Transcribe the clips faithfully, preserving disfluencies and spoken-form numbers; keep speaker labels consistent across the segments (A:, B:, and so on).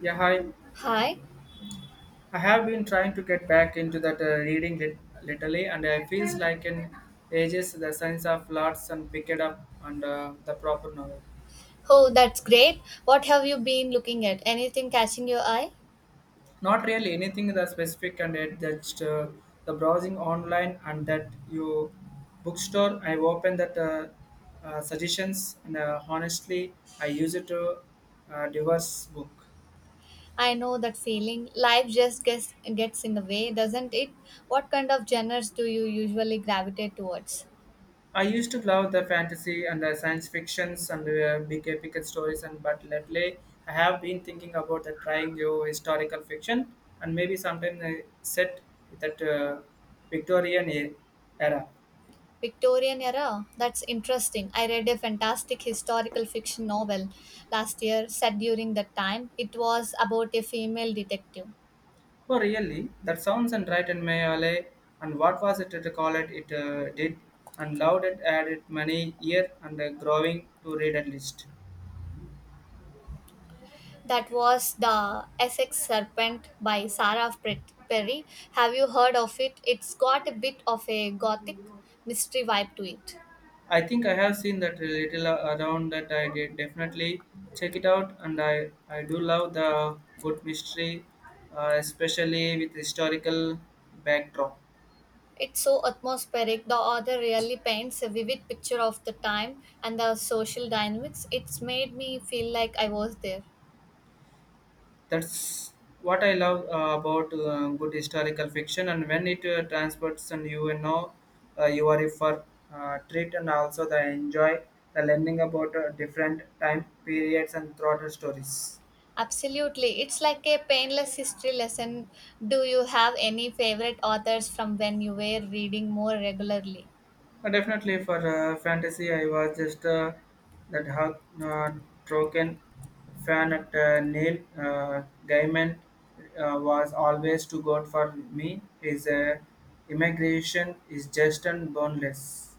A: Yeah, hi.
B: Hi.
A: I have been trying to get back into that uh, reading lit- literally, and I feels like in ages the sense of lots and picked up and uh, the proper novel.
B: Oh, that's great. What have you been looking at? Anything catching your eye?
A: Not really anything that specific and it just uh, the browsing online and that you bookstore. I open that uh, uh, suggestions and uh, honestly, I use it to uh, diverse book.
B: I know that feeling. Life just gets gets in the way, doesn't it? What kind of genres do you usually gravitate towards?
A: I used to love the fantasy and the science fictions and uh, big epic stories, and but lately I have been thinking about the trying new historical fiction and maybe sometime uh, set with that uh, Victorian e- era.
B: Victorian era? That's interesting. I read a fantastic historical fiction novel last year set during that time. It was about a female detective.
A: Oh, really? That sounds and right in my alley. And what was it to call it? It uh, did and loved it, added many year and uh, growing to read at least.
B: That was The Essex Serpent by Sarah Pre- Perry. Have you heard of it? It's got a bit of a gothic mystery vibe to it.
A: I think I have seen that little around that I did definitely check it out and I, I do love the good mystery, uh, especially with historical backdrop.
B: It's so atmospheric. The author really paints a vivid picture of the time and the social dynamics. It's made me feel like I was there.
A: That's what I love uh, about uh, good historical fiction and when it uh, transports and you know uh, you are for uh, treat and also the enjoy the learning about uh, different time periods and throughout the stories.
B: Absolutely. It's like a painless history lesson. Do you have any favorite authors from when you were reading more regularly?
A: Uh, Definitely for uh, fantasy, I was just uh, that Hawk uh, Troken fan at uh, Neil uh, Gaiman uh, was always too good for me. His uh, immigration is just and boneless.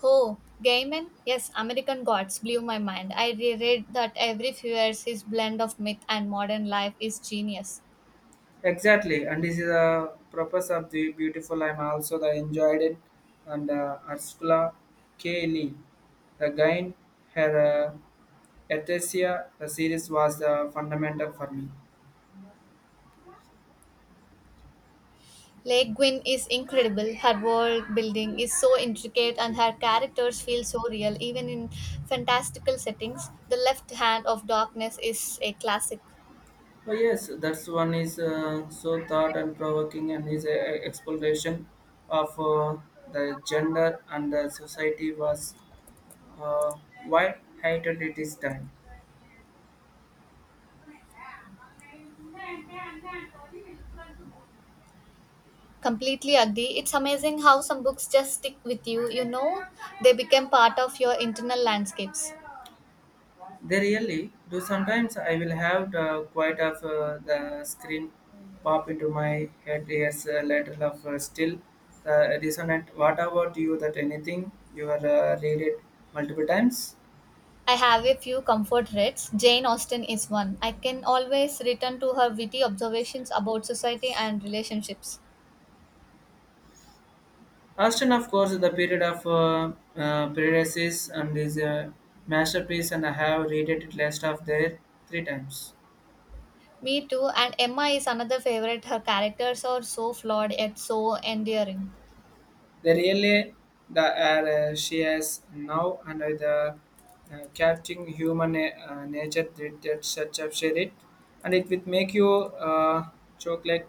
B: Oh, Gaiman? Yes, American Gods blew my mind. I reread that every few years his blend of myth and modern life is genius.
A: Exactly, and this is the purpose of the beautiful. I'm also the enjoyed it, and uh, Ursula K. Lee, the guy, her uh, Ethesia, the series was the fundamental for me.
B: Lake Gwyn is incredible. Her world building is so intricate and her characters feel so real, even in fantastical settings. The Left Hand of Darkness is a classic.
A: Oh, yes, that's one is uh, so thought and provoking and his uh, exploration of uh, the gender and the society was uh, wide heightened at this time.
B: Completely agree. It's amazing how some books just stick with you, you know, they become part of your internal landscapes.
A: They really do sometimes I will have the, quite of uh, the screen pop into my head years uh, later of uh, still the resonant. What about you that anything you are uh, read it multiple times?
B: I have a few comfort reads. Jane Austen is one. I can always return to her witty observations about society and relationships.
A: Austin, of course, the period of uh, uh, Paradises and is a masterpiece, and I have read it last of there three times.
B: Me too, and Emma is another favorite. Her characters are so flawed yet so endearing.
A: The really the air uh, she has now under the uh, capturing human uh, nature that, that such a share it, and it will make you uh, choke like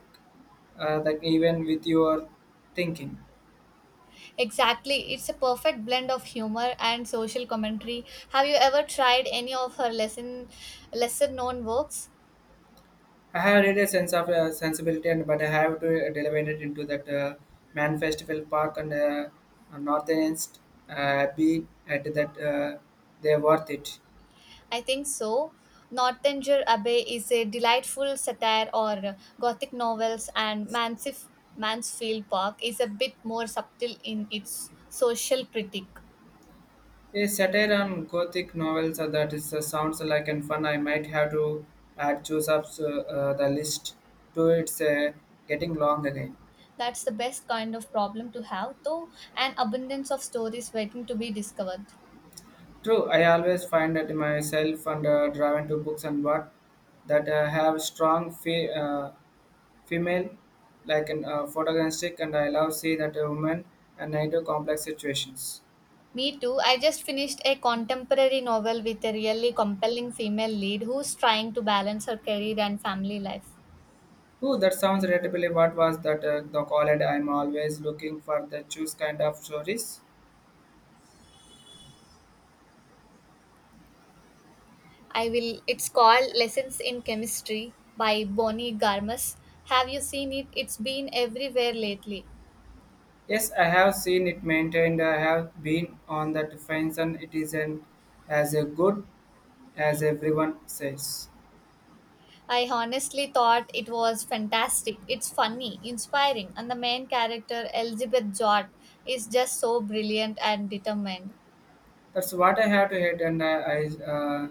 A: uh, like even with your thinking.
B: Exactly, it's a perfect blend of humor and social commentary. Have you ever tried any of her lesson, lesser known works?
A: I have really a sense of uh, sensibility, and but I have to elevate it into that uh, Man Festival Park and uh, Northern uh, be at that uh, they're worth it.
B: I think so. Northanger Abbey is a delightful satire or gothic novels and Mansif- Mansfield Park is a bit more subtle in its social critique.
A: A satire on gothic novels uh, that is uh, sounds like and fun. I might have to add choose up uh, uh, the list to it's uh, getting long again.
B: That's the best kind of problem to have though an abundance of stories waiting to be discovered.
A: True, I always find that myself and uh, driven to books and what that uh, have strong fe- uh, female, like an uh, photorealistic, and I love see that a woman and into complex situations.
B: Me too. I just finished a contemporary novel with a really compelling female lead who's trying to balance her career and family life.
A: Oh, that sounds relatively. What was that uh, the college? I'm always looking for the choose kind of stories.
B: I will. It's called Lessons in Chemistry by Bonnie Garmus. Have you seen it? It's been everywhere lately.
A: Yes, I have seen it maintained. I have been on that fence, and it isn't as a good as everyone says.
B: I honestly thought it was fantastic. It's funny, inspiring, and the main character, Elizabeth Jott, is just so brilliant and determined.
A: That's what I have to hate, and I, I uh,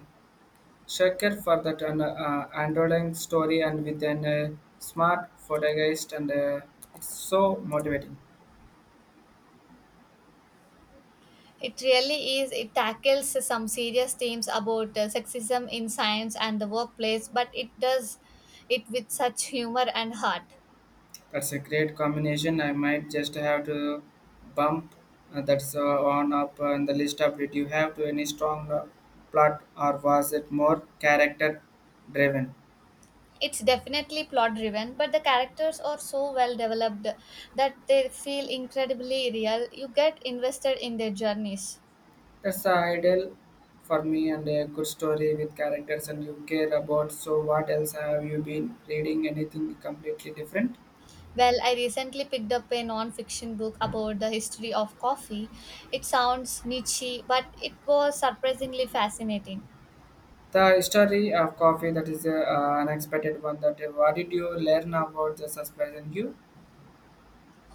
A: Checker for that an uh, underlying story and with an uh, smart photogeist and uh, it's so motivating.
B: It really is. It tackles some serious themes about uh, sexism in science and the workplace, but it does it with such humor and heart.
A: That's a great combination. I might just have to bump uh, that's uh, on up on the list of did you have to any strong uh, plot or was it more character driven?
B: It's definitely plot driven, but the characters are so well developed that they feel incredibly real. You get invested in their journeys.
A: That's the ideal for me and a good story with characters and you care about. So what else have you been reading? Anything completely different?
B: Well, I recently picked up a non fiction book about the history of coffee. It sounds niche, but it was surprisingly fascinating.
A: The story of coffee that is a uh, unexpected one. That uh, what did you learn about the surprising you?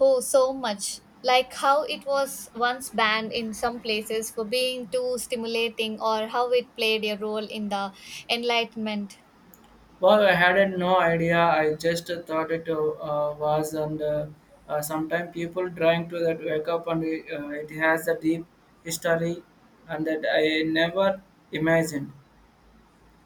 B: Oh, so much. Like how it was once banned in some places for being too stimulating, or how it played a role in the Enlightenment.
A: Well, I had no idea. I just thought it uh, was, and uh, uh, sometimes people trying to that wake up, and uh, it has a deep history, and that I never imagined.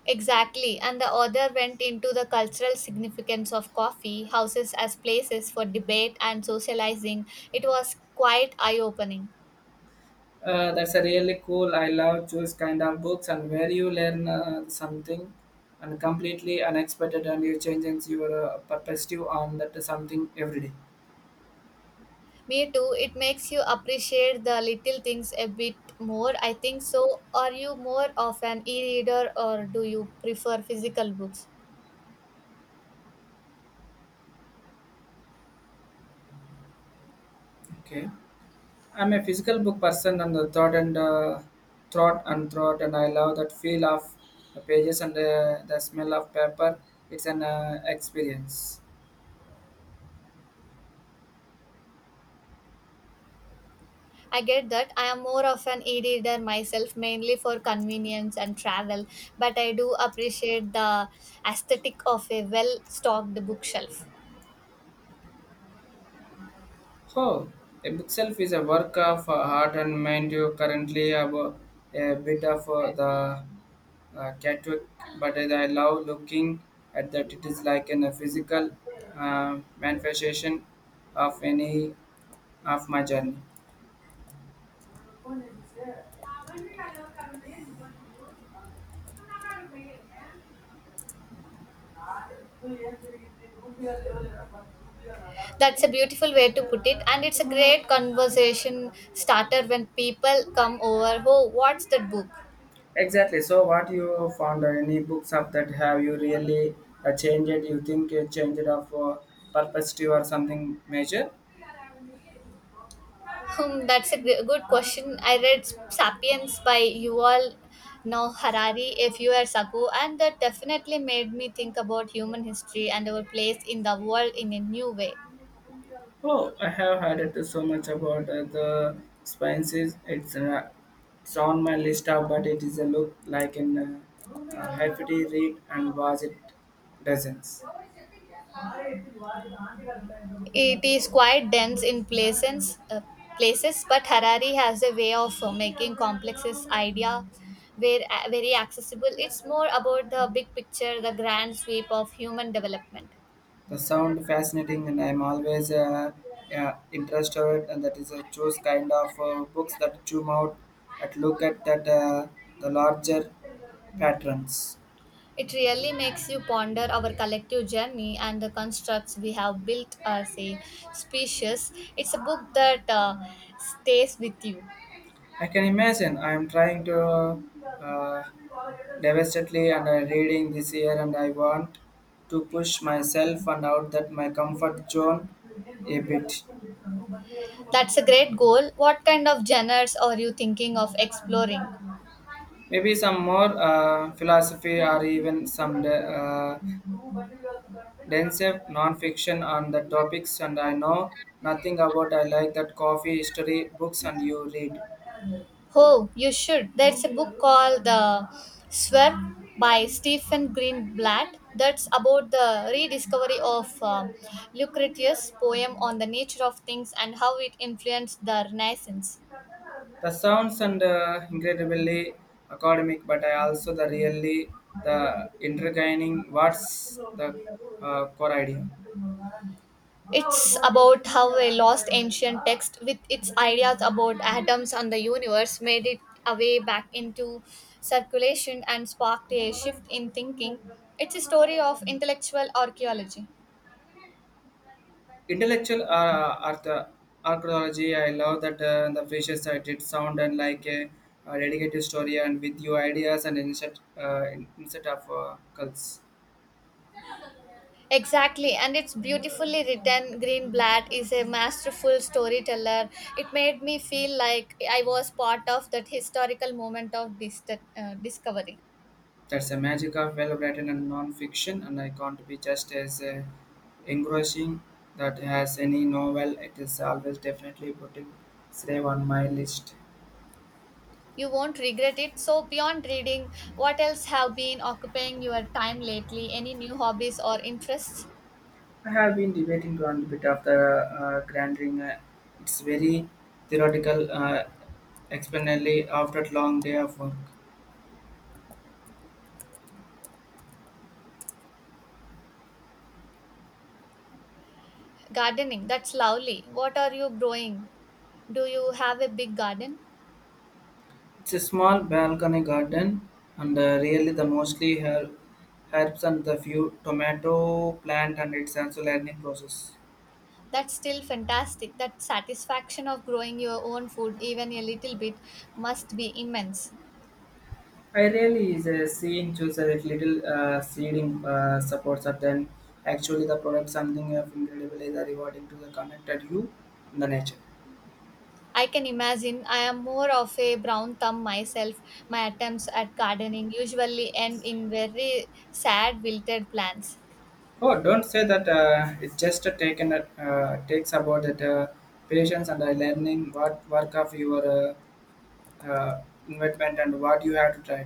B: Exactly, and the author went into the cultural significance of coffee houses as places for debate and socializing. It was quite eye opening.
A: Uh, that's a really cool. I love those kind of books and where you learn uh, something and completely unexpected and you changes your uh, perspective on that something every day.
B: Me too, it makes you appreciate the little things a bit more. I think so. Are you more of an e reader or do you prefer physical books?
A: Okay. I'm a physical book person and the thought and uh, thought and thought and I love that feel of the pages and uh, the smell of paper. It's an uh, experience.
B: I get that. I am more of an e reader myself, mainly for convenience and travel, but I do appreciate the aesthetic of a well stocked bookshelf.
A: Oh, a bookshelf is a work of uh, heart and mind. You currently have a, a bit of uh, the uh, Catwick, but as I love looking at that, it is like an, a physical uh, manifestation of any of my journey.
B: That's a beautiful way to put it, and it's a great conversation starter when people come over. Oh, what's that book?
A: Exactly. So, what you found or any books of that have you really uh, changed? You think you changed of uh, perspective or something major?
B: Hmm, that's a gr- good question. I read *Sapiens* by Yuval Noah Harari a few years ago, and that definitely made me think about human history and our place in the world in a new way.
A: Oh, I have heard it so much about uh, the spices. It's uh, it's on my list of, but it is a look like an uh, uh, hefty read and was it dozens.
B: It is quite dense in places, uh, places, but Harari has a way of uh, making complexes idea very, very accessible. It's more about the big picture, the grand sweep of human development.
A: The sound fascinating, and I'm always uh, yeah, interested. And that is a choose kind of uh, books that zoom out and look at that uh, the larger patterns.
B: It really makes you ponder our collective journey and the constructs we have built as a species. It's a book that uh, stays with you.
A: I can imagine. I'm trying to uh, devastatedly and uh, reading this year, and I want to push myself and out that my comfort zone a bit.
B: That's a great goal. What kind of genres are you thinking of exploring?
A: Maybe some more uh, philosophy or even some uh, dense non-fiction on the topics and I know nothing about I like that coffee history books and you read.
B: Oh, you should. There's a book called The Swerve by Stephen Greenblatt that's about the rediscovery of um, Lucretius' poem on the nature of things and how it influenced the Renaissance.
A: The sounds and uh, incredibly academic but I also the really the intertwining what's the uh, core idea.
B: It's about how a lost ancient text with its ideas about atoms and the universe made it a way back into circulation and sparked a shift in thinking. It's a story of intellectual archaeology.
A: Intellectual uh, art, archaeology I love that uh, the precious I did sound and like a, a dedicated story and with your ideas and insert uh, inset of uh, cults.
B: Exactly, and it's beautifully written. Greenblatt is a masterful storyteller. It made me feel like I was part of that historical moment of dis- uh, discovery.
A: That's the magic of well written and non fiction, and I can't be just as uh, engrossing that has any novel. It is always definitely putting Slave on my list.
B: You won't regret it. So, beyond reading, what else have been occupying your time lately? Any new hobbies or interests?
A: I have been debating on a bit of the uh, Grand Ring. Uh, it's very theoretical, uh, explainably after a long day of work.
B: Gardening, that's lovely. What are you growing? Do you have a big garden?
A: It's a small balcony garden, and uh, really the mostly her- herbs and the few tomato plant, and it's also learning process.
B: That's still fantastic. That satisfaction of growing your own food, even a little bit, must be immense.
A: I really is a seeing choose a little uh, seeding uh, supports are then actually the product something of incredible is rewarding to the connected you in the nature.
B: I can imagine I am more of a brown thumb myself. My attempts at gardening usually end in very sad, wilted plants.
A: Oh, don't say that uh, it's just a taken a, uh, takes about that uh, patience and uh, learning what work of your uh, uh, investment and what you have to try.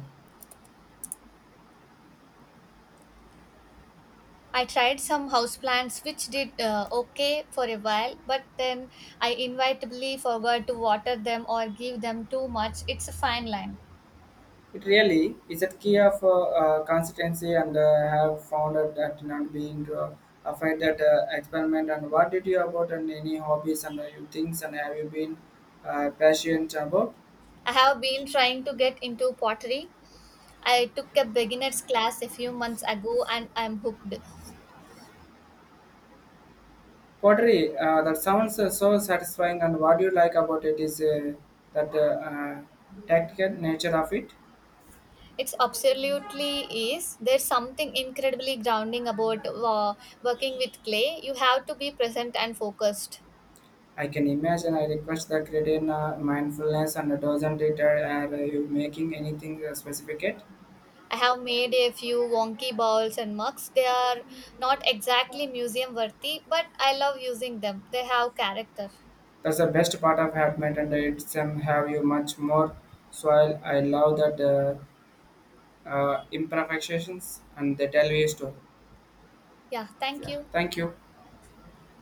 B: I tried some houseplants which did uh, okay for a while, but then I inevitably forgot to water them or give them too much. It's a fine line.
A: It really is a key of uh, uh, consistency and uh, have found out that not being uh, afraid that uh, experiment and what did you about and any hobbies and uh, you things and have you been uh, passionate about
B: I have been trying to get into pottery. I took a beginner's class a few months ago and I'm hooked.
A: pottery uh, that sounds uh, so satisfying and what do you like about it is uh, that uh, uh, tactical nature of it
B: It's absolutely is. There's something incredibly grounding about uh, working with clay. You have to be present and focused.
A: I can imagine I request the credit in uh, mindfulness and doesn't it uh, are you making anything uh, specific yet?
B: I have made a few wonky balls and mugs. They are not exactly museum worthy, but I love using them. They have character.
A: That's the best part of happened and it's um, have you much more soil. I love that uh, uh, imperfections and they tell you a story.
B: Yeah, thank
A: Yeah,
B: you.
A: thank you.